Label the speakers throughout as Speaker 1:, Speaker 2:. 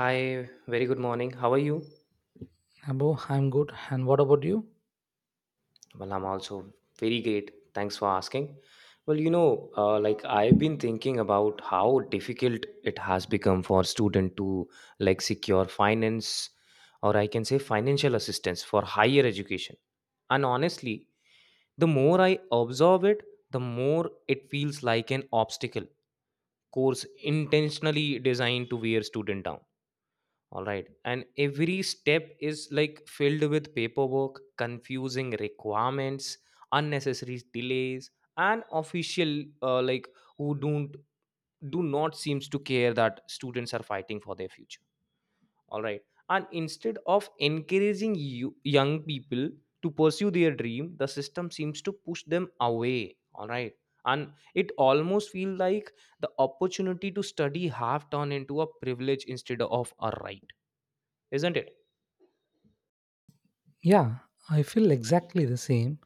Speaker 1: Hi, very good morning. How are you?
Speaker 2: Abo, I'm good. And what about you?
Speaker 1: Well, I'm also very great. Thanks for asking. Well, I've been thinking about how difficult it has become for student to secure finance or I can say financial assistance for higher education. And honestly, the more I observe it, the more it feels like an obstacle course intentionally designed to wear student down. All right. And every step is like filled with paperwork, confusing requirements, unnecessary delays, and official who don't do not seems to care that students are fighting for their future. All right. And instead of encouraging you, young people to pursue their dream, the system seems to push them away. All right. And it almost feels like the opportunity to study have turned into a privilege instead of a right, isn't it?
Speaker 2: Yeah, I feel exactly the same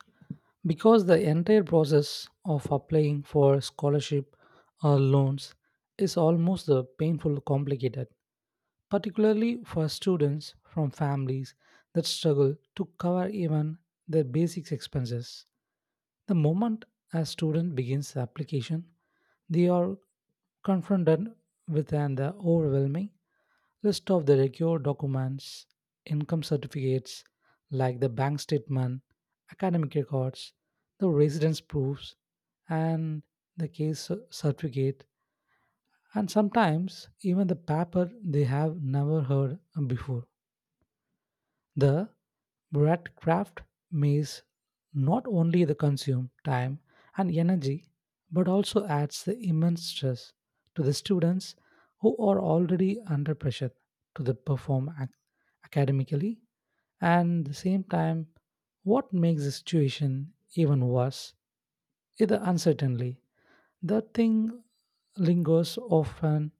Speaker 2: because the entire process of applying for scholarship or loans is almost the painful complicated. Particularly for students from families that struggle to cover even their basic expenses. The moment a student begins the application, they are confronted with an overwhelming list of the required documents, income certificates like the bank statement, academic records, the residence proofs, and the case certificate, and sometimes even the paper they have never heard before. The breadcraft maze not only the consume time and energy but also adds the immense stress to the students who are already under pressure to the academically, and the same time what makes the situation even worse is the uncertainty the thing lingers often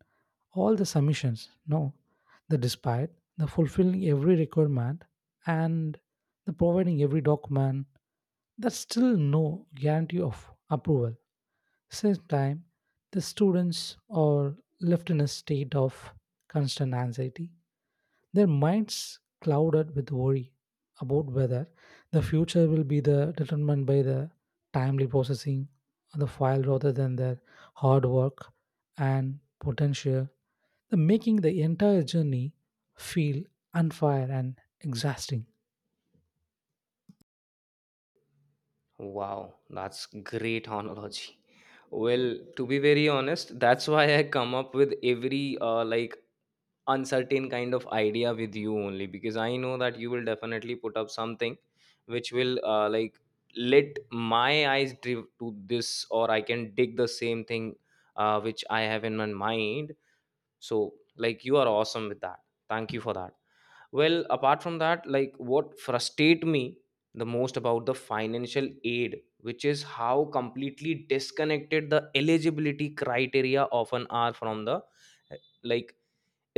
Speaker 2: all the submissions, no, the despite, the fulfilling every requirement, and the providing every document, that's still no guarantee of approval. Same time, the students are left in a state of constant anxiety, their minds clouded with worry about whether the future will be the determined by the timely processing of the file rather than their hard work and potential, the making the entire journey feel unfair and exhausting.
Speaker 1: Wow, that's great analogy. Well, to be very honest, that's why I come up with every uncertain kind of idea with you only because I know that you will definitely put up something which will let my eyes drift to this or I can dig the same thing which I have in my mind. So like you are awesome with that. Thank you for that. Well, apart from that, like what frustrate me the most about the financial aid, which is how completely disconnected the eligibility criteria often are from the eh, like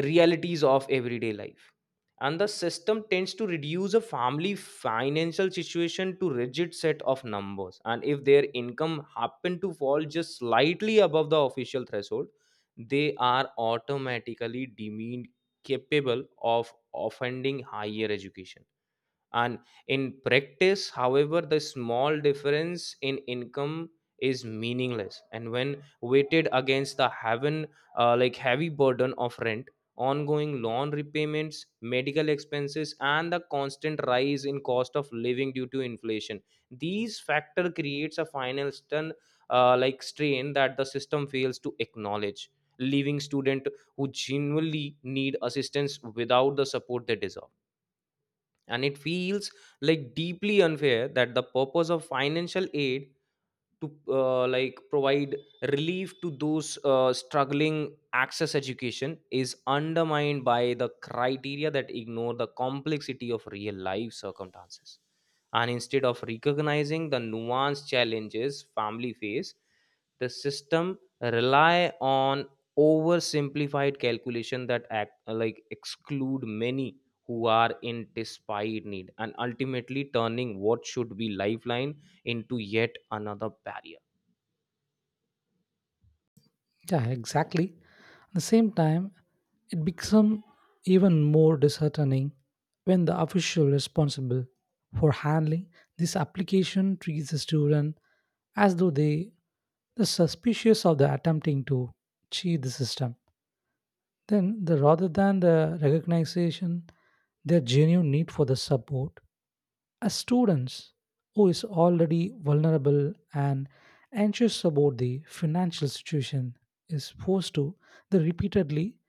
Speaker 1: realities of everyday life. And the system tends to reduce a family financial situation to rigid set of numbers, and if their income happen to fall just slightly above the official threshold, they are automatically deemed capable of offending higher education. And in practice, however, the small difference in income is meaningless, and when weighted against the heaven like heavy burden of rent, ongoing loan repayments, medical expenses, and the constant rise in cost of living due to inflation, these factor creates a final stun- like strain that the system fails to acknowledge, leaving student who genuinely need assistance without the support they deserve. And it feels like deeply unfair that the purpose of financial aid to provide relief to those struggling access education is undermined by the criteria that ignore the complexity of real life circumstances. And instead of recognizing the nuanced challenges family face, the system rely on oversimplified calculation that act like exclude many who are in despite need and ultimately turning what should be lifeline into yet another barrier.
Speaker 2: Yeah, exactly. At the same time, it becomes even more disheartening when the official responsible for handling this application treats the student as though they the suspicious of the attempting to cheat the system. Then, the, rather than the recognition, their genuine need for the support, a student who is already vulnerable and anxious about the financial situation is forced to they repeatedly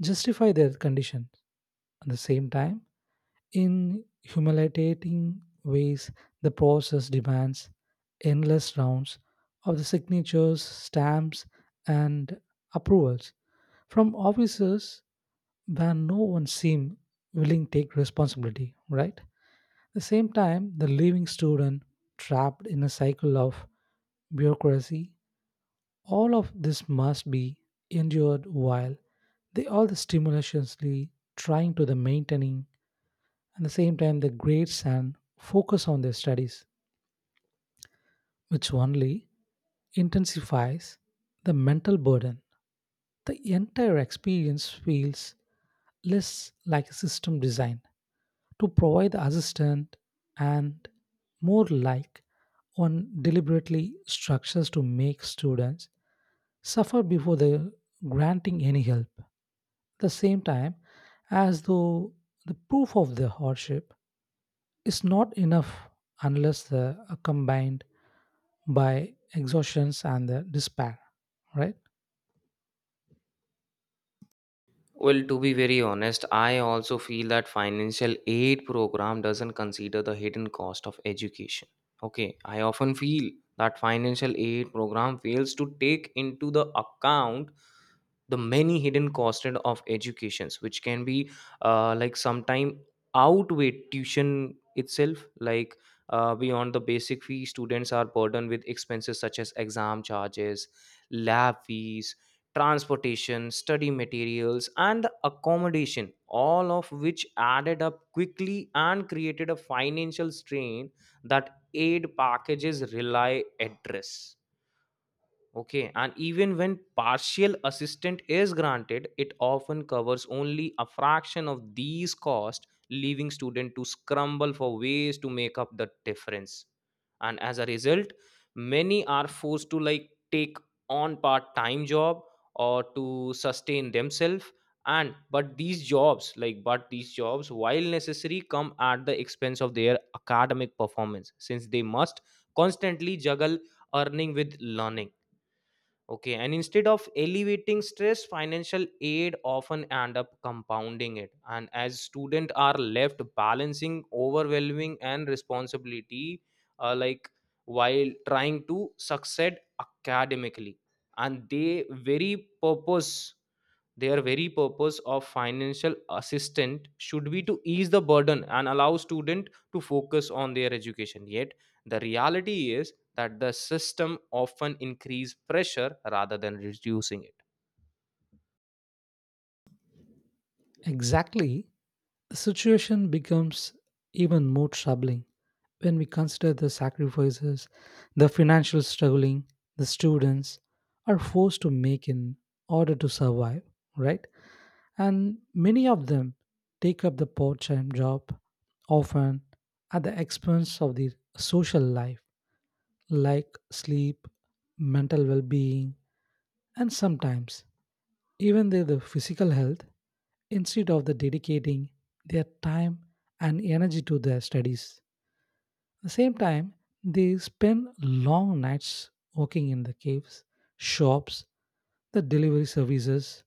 Speaker 2: justify their condition. At the same time, in humiliating ways, the process demands endless rounds of the signatures, stamps, and approvals from officers where no one seems willing to take responsibility, right? At the same time, the living student trapped in a cycle of bureaucracy, all of this must be endured while they all the stimulationally trying to the maintaining at the same time the grades and focus on their studies, which only intensifies the mental burden. The entire experience feels less like a system design to provide assistant and more like one deliberately structures to make students suffer before the granting any help. At the same time, as though the proof of the hardship is not enough unless the are combined by exhaustions and the despair, right?
Speaker 1: Well, to be very honest, I also feel that financial aid program doesn't consider the hidden cost of education. Okay, I often feel that financial aid program fails to take into the account the many hidden costs of educations which can be sometime outweigh tuition itself, like beyond the basic fee, students are burdened with expenses such as exam charges, lab fees, transportation, study materials, and accommodation, all of which added up quickly and created a financial strain that aid packages rely address. Okay, and even when partial assistance is granted, it often covers only a fraction of these costs, leaving students to scramble for ways to make up the difference. And as a result, many are forced to take on part-time job or to sustain themselves. And but these jobs, like but these jobs, while necessary, come at the expense of their academic performance, since they must constantly juggle earning with learning. Okay, and instead of alleviating stress, financial aid often end up compounding it. And as students are left balancing overwhelming and responsibility, uh, like while trying to succeed academically, and they very purpose their very purpose of financial assistant should be to ease the burden and allow student to focus on their education, yet the reality is that the system often increase pressure rather than reducing it.
Speaker 2: Exactly. The situation becomes even more troubling when we consider the sacrifices, the financial struggling, the students are forced to make in order to survive, right? And many of them take up the part time job, often at the expense of their social life, like sleep, mental well being, and sometimes even their the physical health instead of the dedicating their time and energy to their studies. At the same time, they spend long nights working in the caves, shops, the delivery services,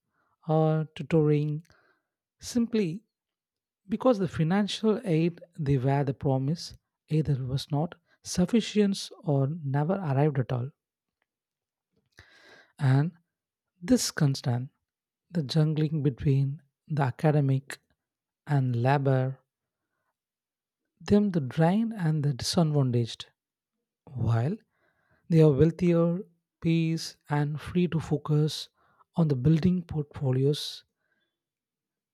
Speaker 2: or tutoring simply because the financial aid they were the promise either was not sufficient or never arrived at all. And this constant, the jungling between the academic and labor them the drained and the disadvantaged, while they are wealthier, peace, and free to focus on the building portfolios,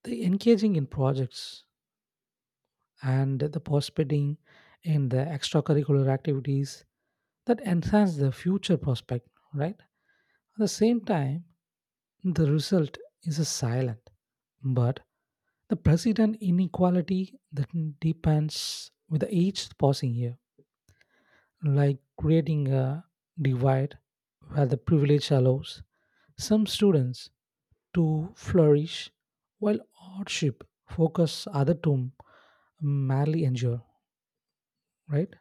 Speaker 2: the engaging in projects, and the participating in the extracurricular activities that enhance the future prospect, right? At the same time, the result is a silent, but the president inequality that depends with the each passing year, like creating a divide where the privilege allows some students to flourish while hardship focus other to merely endure, right?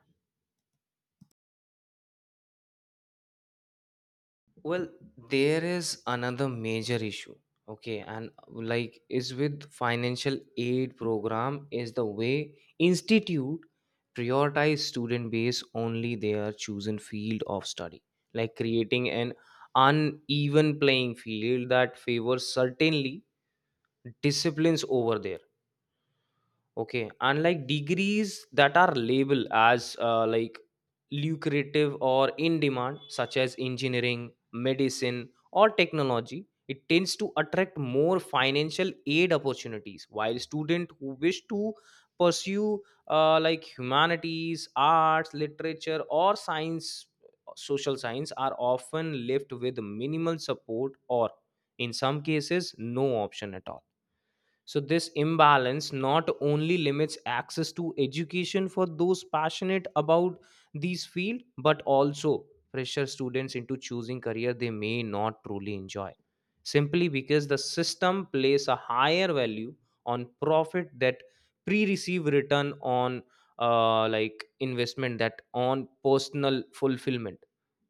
Speaker 1: Well, there is another major issue. Okay, and is with financial aid program is the way institute prioritize student base only their chosen field of study, like creating an uneven playing field that favors certainly disciplines over there. Okay, and like degrees that are labeled as lucrative or in demand, such as engineering, medicine, or technology, it tends to attract more financial aid opportunities. While students who wish to pursue humanities, arts, literature, or science, social science are often left with minimal support or, in some cases, no option at all. So, this imbalance not only limits access to education for those passionate about these field, but also pressure students into choosing career they may not truly enjoy, simply because the system places a higher value on profit that pre-receive return on investment that on personal fulfillment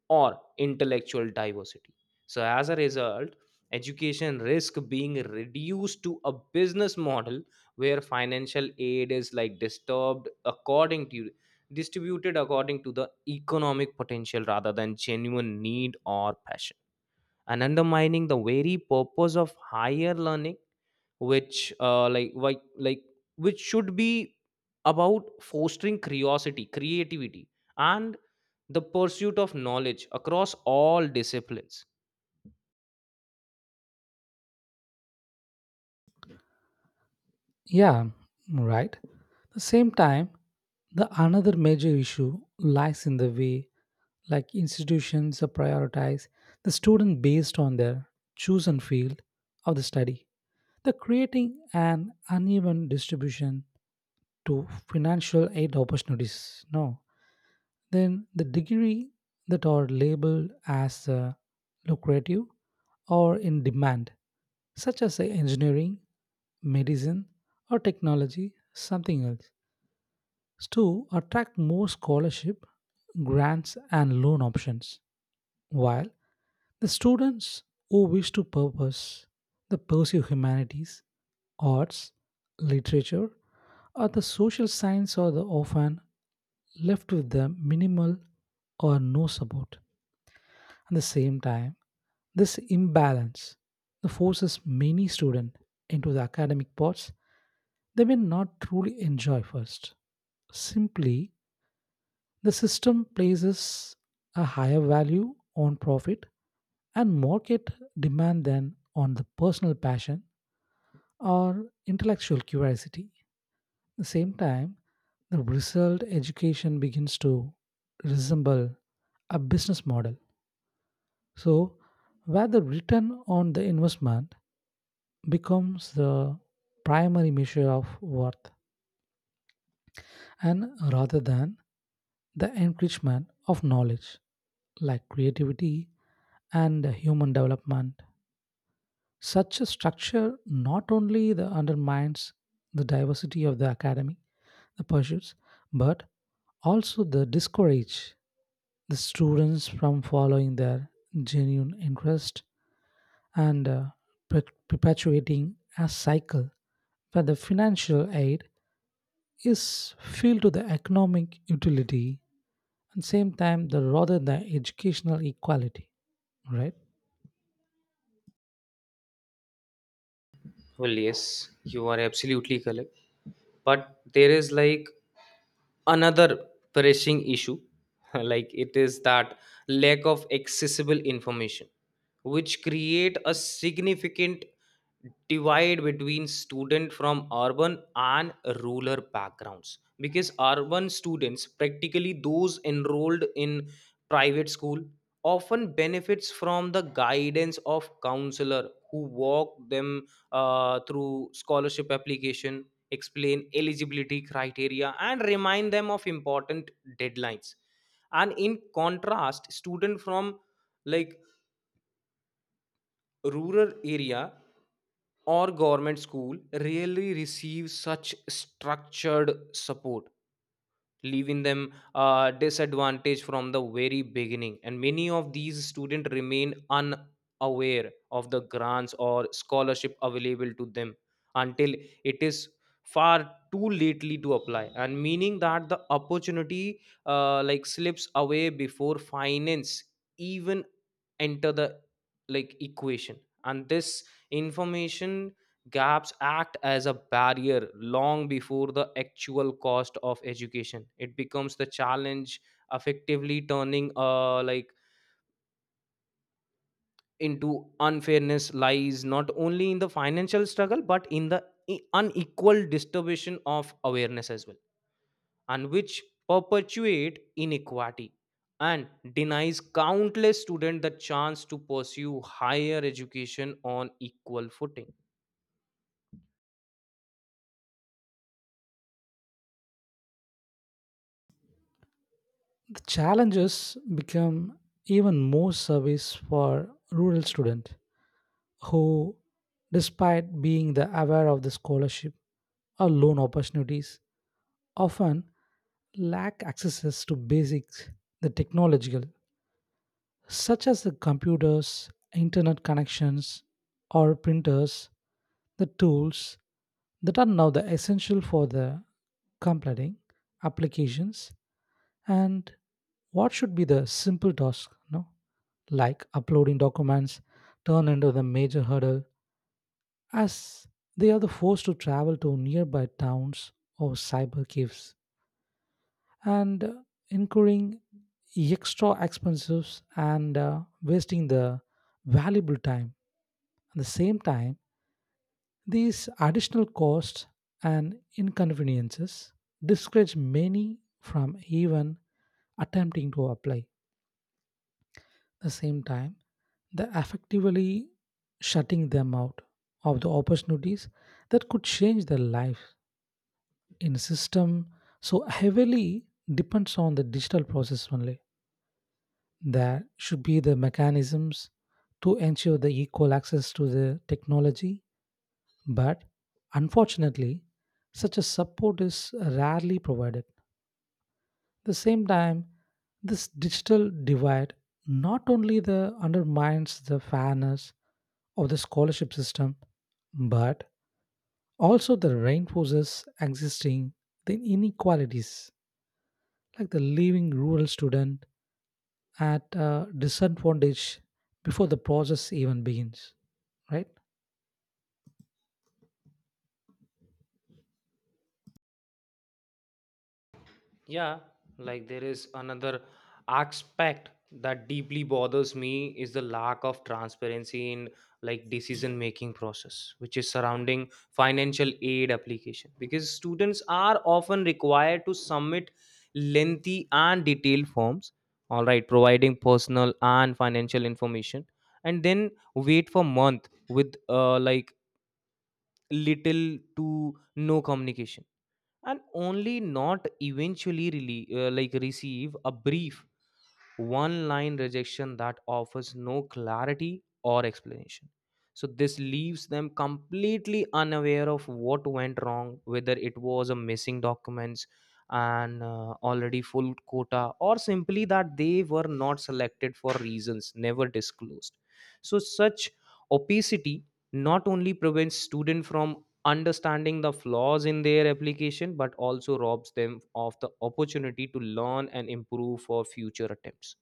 Speaker 1: or intellectual diversity. So, as a result, education risk being reduced to a business model where financial aid is like disturbed according to distributed according to the economic potential rather than genuine need or passion, and undermining the very purpose of higher learning which which should be about fostering curiosity, creativity, and the pursuit of knowledge across all disciplines.
Speaker 2: Yeah, right. At the same time, the another major issue lies in the way like institutions prioritize the student based on their chosen field of the study, the creating an uneven distribution to financial aid opportunities. No, then the degree that are labeled as lucrative or in demand, such as engineering, medicine, or technology, something else, to attract more scholarship, grants, and loan options. While the students who wish to purpose the pursue humanities, arts, literature, or the social science are the often left with the minimal or no support. At the same time, this imbalance forces many students into the academic paths they may not truly enjoy first. Simply, the system places a higher value on profit and market demand than on the personal passion or intellectual curiosity. At the same time, the result education begins to resemble a business model. So, where the return on the investment becomes the primary measure of worth, and rather than the enrichment of knowledge like creativity and human development. Such a structure not only the undermines the diversity of the academy, the pursuits, but also the discourage the students from following their genuine interest and perpetuating a cycle where the financial aid is filled to the economic utility and same time the rather the educational equality, right?
Speaker 1: Well, yes, you are absolutely correct. But there is like another pressing issue, like it is that lack of accessible information, which create a significant divide between student from urban and rural backgrounds, because urban students practically those enrolled in private school often benefits from the guidance of counselor who walk them through scholarship application, explain eligibility criteria, and remind them of important deadlines. And in contrast, student from like rural area or government school rarely receive such structured support, leaving them disadvantaged from the very beginning. And many of these students remain unaware of the grants or scholarship available to them until it is far too lately to apply, and meaning that the opportunity slips away before finance even enter the equation. And this information gaps act as a barrier long before the actual cost of education it becomes the challenge, effectively turning into unfairness lies not only in the financial struggle but in the unequal distribution of awareness as well, and which perpetuate inequality and denies countless students the chance to pursue higher education on equal footing.
Speaker 2: The challenges become even more service for rural student who despite being the aware of the scholarship or loan opportunities often lack access to basics the technological such as the computers, internet connections, or printers, the tools that are now the essential for the completing applications. And what should be the simple task no like uploading documents turn into the major hurdle as they are the forced to travel to nearby towns or cyber caves and incurring extra expenses and wasting the valuable time. At the same time, these additional costs and inconveniences discourage many from even attempting to apply. At the same time, they're effectively shutting them out of the opportunities that could change their life in a system so heavily depends on the digital process only. There should be the mechanisms to ensure the equal access to the technology, but unfortunately, such a support is rarely provided. At the same time, this digital divide not only the undermines the fairness of the scholarship system, but also the reinforces existing the inequalities, like the leaving rural student at a disadvantage before the process even begins, right?
Speaker 1: Yeah, like there is another aspect that deeply bothers me is the lack of transparency in like decision making process, which is surrounding financial aid application, because students are often required to submit lengthy and detailed forms, all right, providing personal and financial information, and then wait for month with little to no communication, and only not eventually really, receive a brief one line rejection that offers no clarity or explanation. So this leaves them completely unaware of what went wrong, whether it was a missing documents and already full quota or simply that they were not selected for reasons never disclosed. So such opacity not only prevents student from understanding the flaws in their application, but also robs them of the opportunity to learn and improve for future attempts.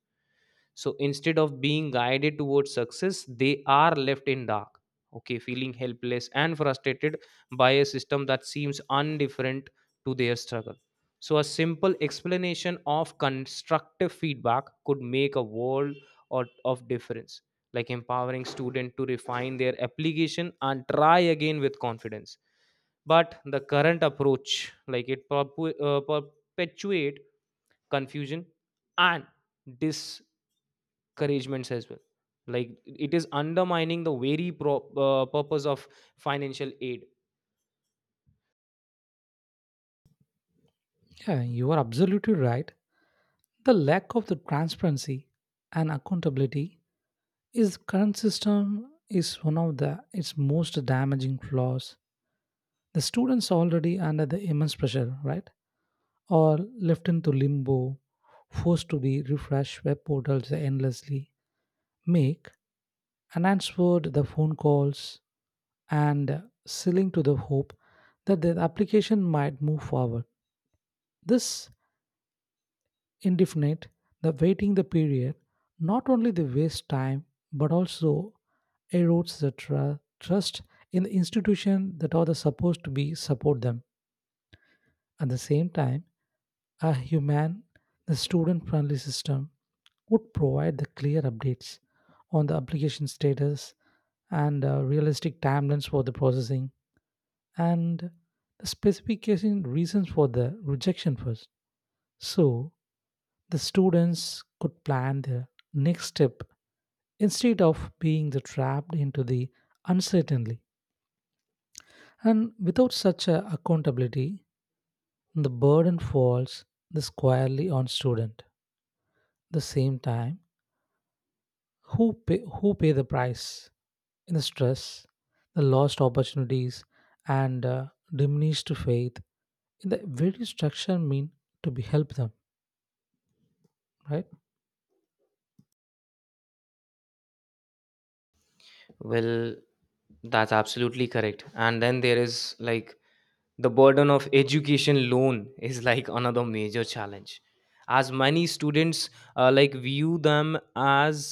Speaker 1: So instead of being guided towards success, they are left in dark. Okay, feeling helpless and frustrated by a system that seems indifferent to their struggle. So a simple explanation of constructive feedback could make a world or of difference, like empowering student to refine their application and try again with confidence. But the current approach, perpetuate confusion and discouragements as well, like it is undermining the very purpose of financial aid.
Speaker 2: Yeah, you are absolutely right. The lack of the transparency and accountability is current system is one of the its most damaging flaws. The students already under the immense pressure, right? Or left into limbo, forced to be refresh web portals endlessly, make unanswered the phone calls and selling to the hope that the application might move forward. This indefinite, the waiting the period, not only the waste time but also erodes the trust in the institution that are the supposed to be support them. At the same time, a human, the student-friendly system would provide the clear updates on the application status and realistic timelines for the processing and the specification reasons for the rejection first, so the students could plan their next step instead of being the trapped into the uncertainty. And without such a accountability, the burden falls the squarely on student the same time who pay the price in the stress, the lost opportunities, and diminished faith in the very structure mean to be help them, right?
Speaker 1: Well, that's absolutely correct. And then there is like the burden of education loan is like another major challenge, as many students view them as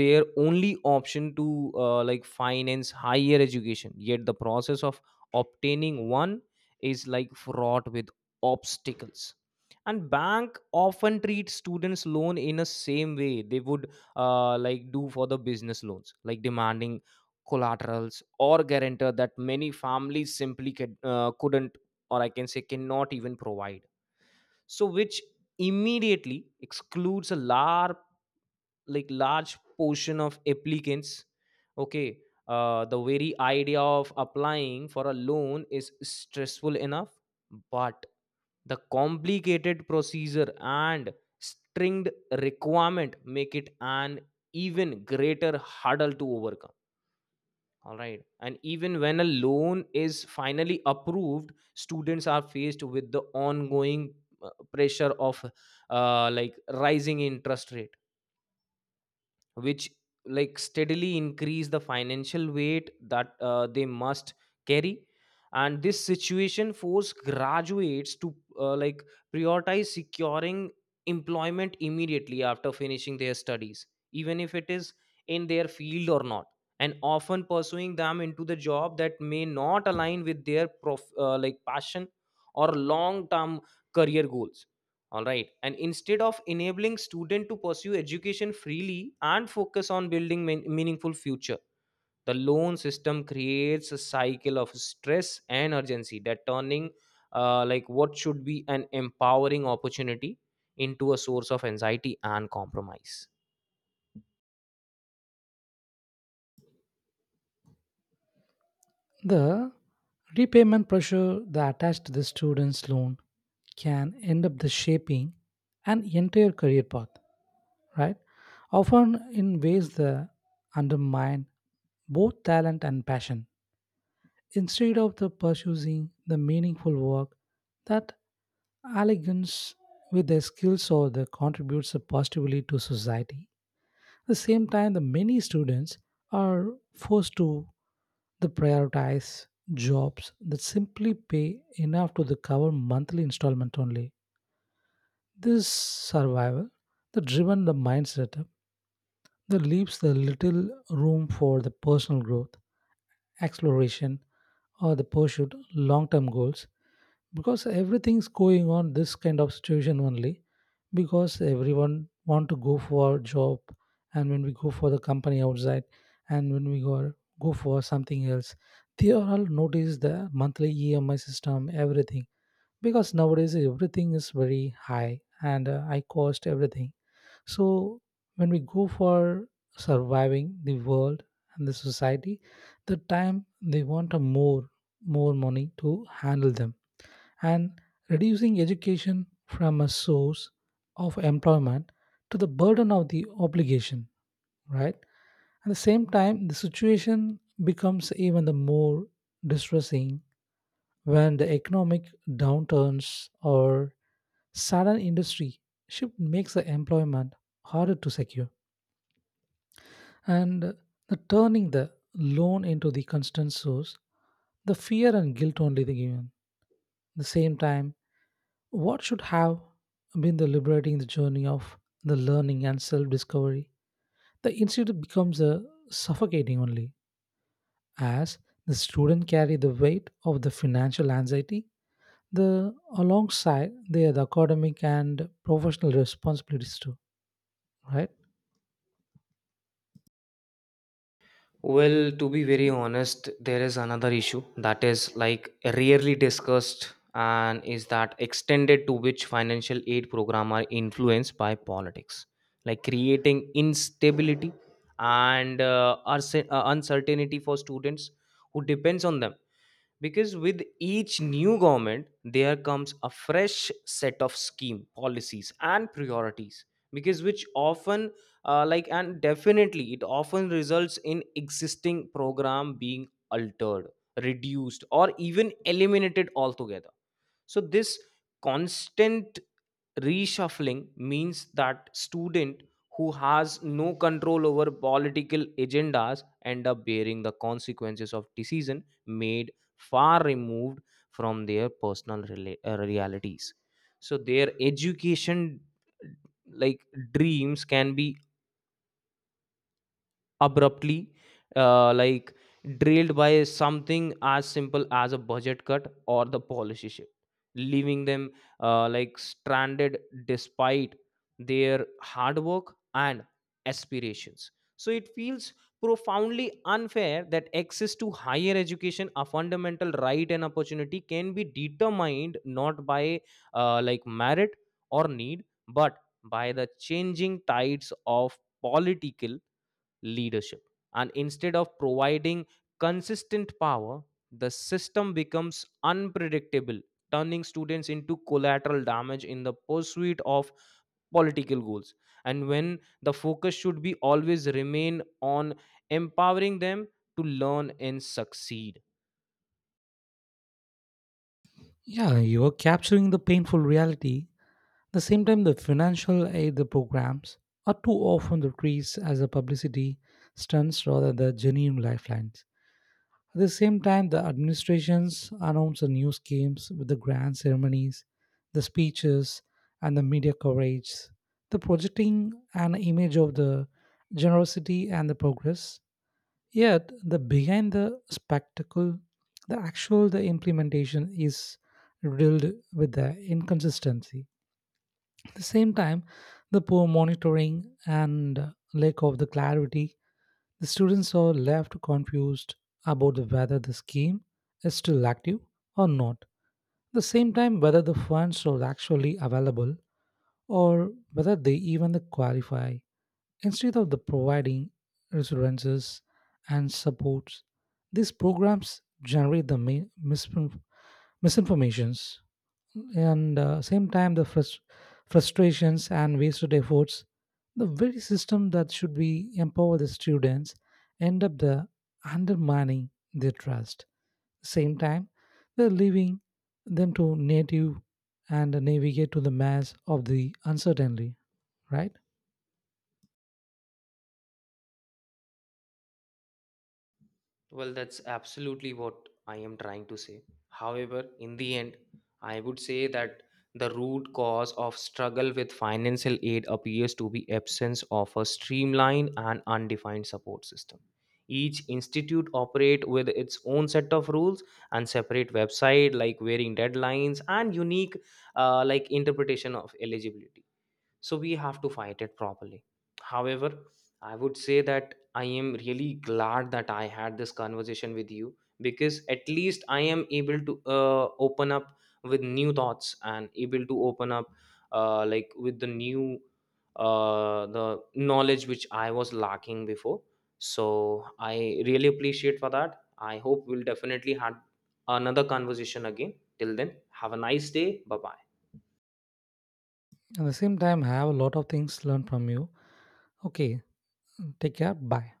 Speaker 1: their only option to finance higher education. Yet the process of obtaining one is like fraught with obstacles. And bank often treat students' loan in the same way they would do for the business loans, like demanding collaterals or guarantor that many families simply could, couldn't or I can say cannot even provide, so which immediately excludes a large portion of applicants. Okay, the very idea of applying for a loan is stressful enough, but the complicated procedure and stringed requirement make it an even greater hurdle to overcome. All right. And even when a loan is finally approved, students are faced with the ongoing pressure of rising interest rate, which like steadily increase the financial weight that they must carry. And this situation force graduates to prioritize securing employment immediately after finishing their studies, even if it is in their field or not, and often pursuing them into the job that may not align with their passion or long term career goals. All right. And instead of enabling student to pursue education freely and focus on building meaningful future, the loan system creates a cycle of stress and urgency that turning what should be an empowering opportunity into a source of anxiety and compromise.
Speaker 2: The repayment pressure that attached to the student's loan can end up the shaping an entire career path, right? Often in ways that undermine both talent and passion. Instead of the pursuing the meaningful work that elegance with their skills or that contributes positively to society, at the same time, the many students are forced to the prioritize jobs that simply pay enough to the cover monthly installment only. This survival that driven the mindset up, that leaves the little room for the personal growth, exploration, or the pursuit long-term goals, because everything's going on this kind of situation only, because everyone want to go for a job, and when we go for the company outside, and when we go for something else, they are all notice the monthly EMI system everything, because nowadays everything is very high, and I cost everything. So when we go for surviving the world and the society, the time they want a more, more money to handle them, and reducing education from a source of employment to the burden of the obligation, right? At the same time, the situation becomes even the more distressing when the economic downturns or sudden industry shift makes the employment harder to secure. And the turning the loan into the constant source, the fear and guilt only the given the same time, what should have been the liberating the journey of the learning and self-discovery, the institute becomes a suffocating only as the student carry the weight of the financial anxiety the alongside their the academic and professional responsibilities too, right?
Speaker 1: Well, to be very honest, there is another issue that is like rarely discussed, and is that extended to which financial aid program are influenced by politics, like creating instability and uncertainty for students who depends on them, because with each new government there comes a fresh set of scheme policies and priorities, because which often and definitely it often results in existing program being altered, reduced, or even eliminated altogether. So this constant reshuffling means that student who has no control over political agendas end up bearing the consequences of decision made far removed from their personal realities. So their education like dreams can be abruptly uh, like drilled by something as simple as a budget cut or the policy shift, leaving them stranded despite their hard work and aspirations. So it feels profoundly unfair that access to higher education, a fundamental right and opportunity, can be determined not by merit or need, but by the changing tides of political leadership. And instead of providing consistent power, the system becomes unpredictable, turning students into collateral damage in the pursuit of political goals. And when the focus should be always remain on empowering them to learn and succeed.
Speaker 2: Yeah, you are capturing the painful reality. The same time the financial aid the programs are too often the trees as a publicity stunts rather than genuine lifelines. At the same time, the administrations announce the new schemes with the grand ceremonies, the speeches, and the media coverage, the projecting an image of the generosity and the progress. Yet, the behind the spectacle, the actual the implementation is riddled with the inconsistency. At the same time, the poor monitoring and lack of the clarity the students are left confused about whether the scheme is still active or not. At the same time, whether the funds are actually available or whether they even qualify. Instead of the providing resources and supports, these programs generate the misinformations and same time the frustrations and wasted efforts, the very system that should be empower the students end up the undermining their trust, same time they're leaving them to native and navigate to the mass of the uncertainty, right?
Speaker 1: Well, that's absolutely what I am trying to say. However, in the end, I would say that the root cause of struggle with financial aid appears to be absence of a streamlined and undefined support system. Each institute operate with its own set of rules and separate website, like varying deadlines and unique interpretation of eligibility. So we have to fight it properly. However, I would say that I am really glad that I had this conversation with you, because at least I am able to open up with new thoughts and able to open up with the new the knowledge which I was lacking before. So I really appreciate for that. I hope we'll definitely have another conversation again. Till then, have a nice day. Bye bye.
Speaker 2: At the same time have a lot of things learned from you. Okay, take care, bye.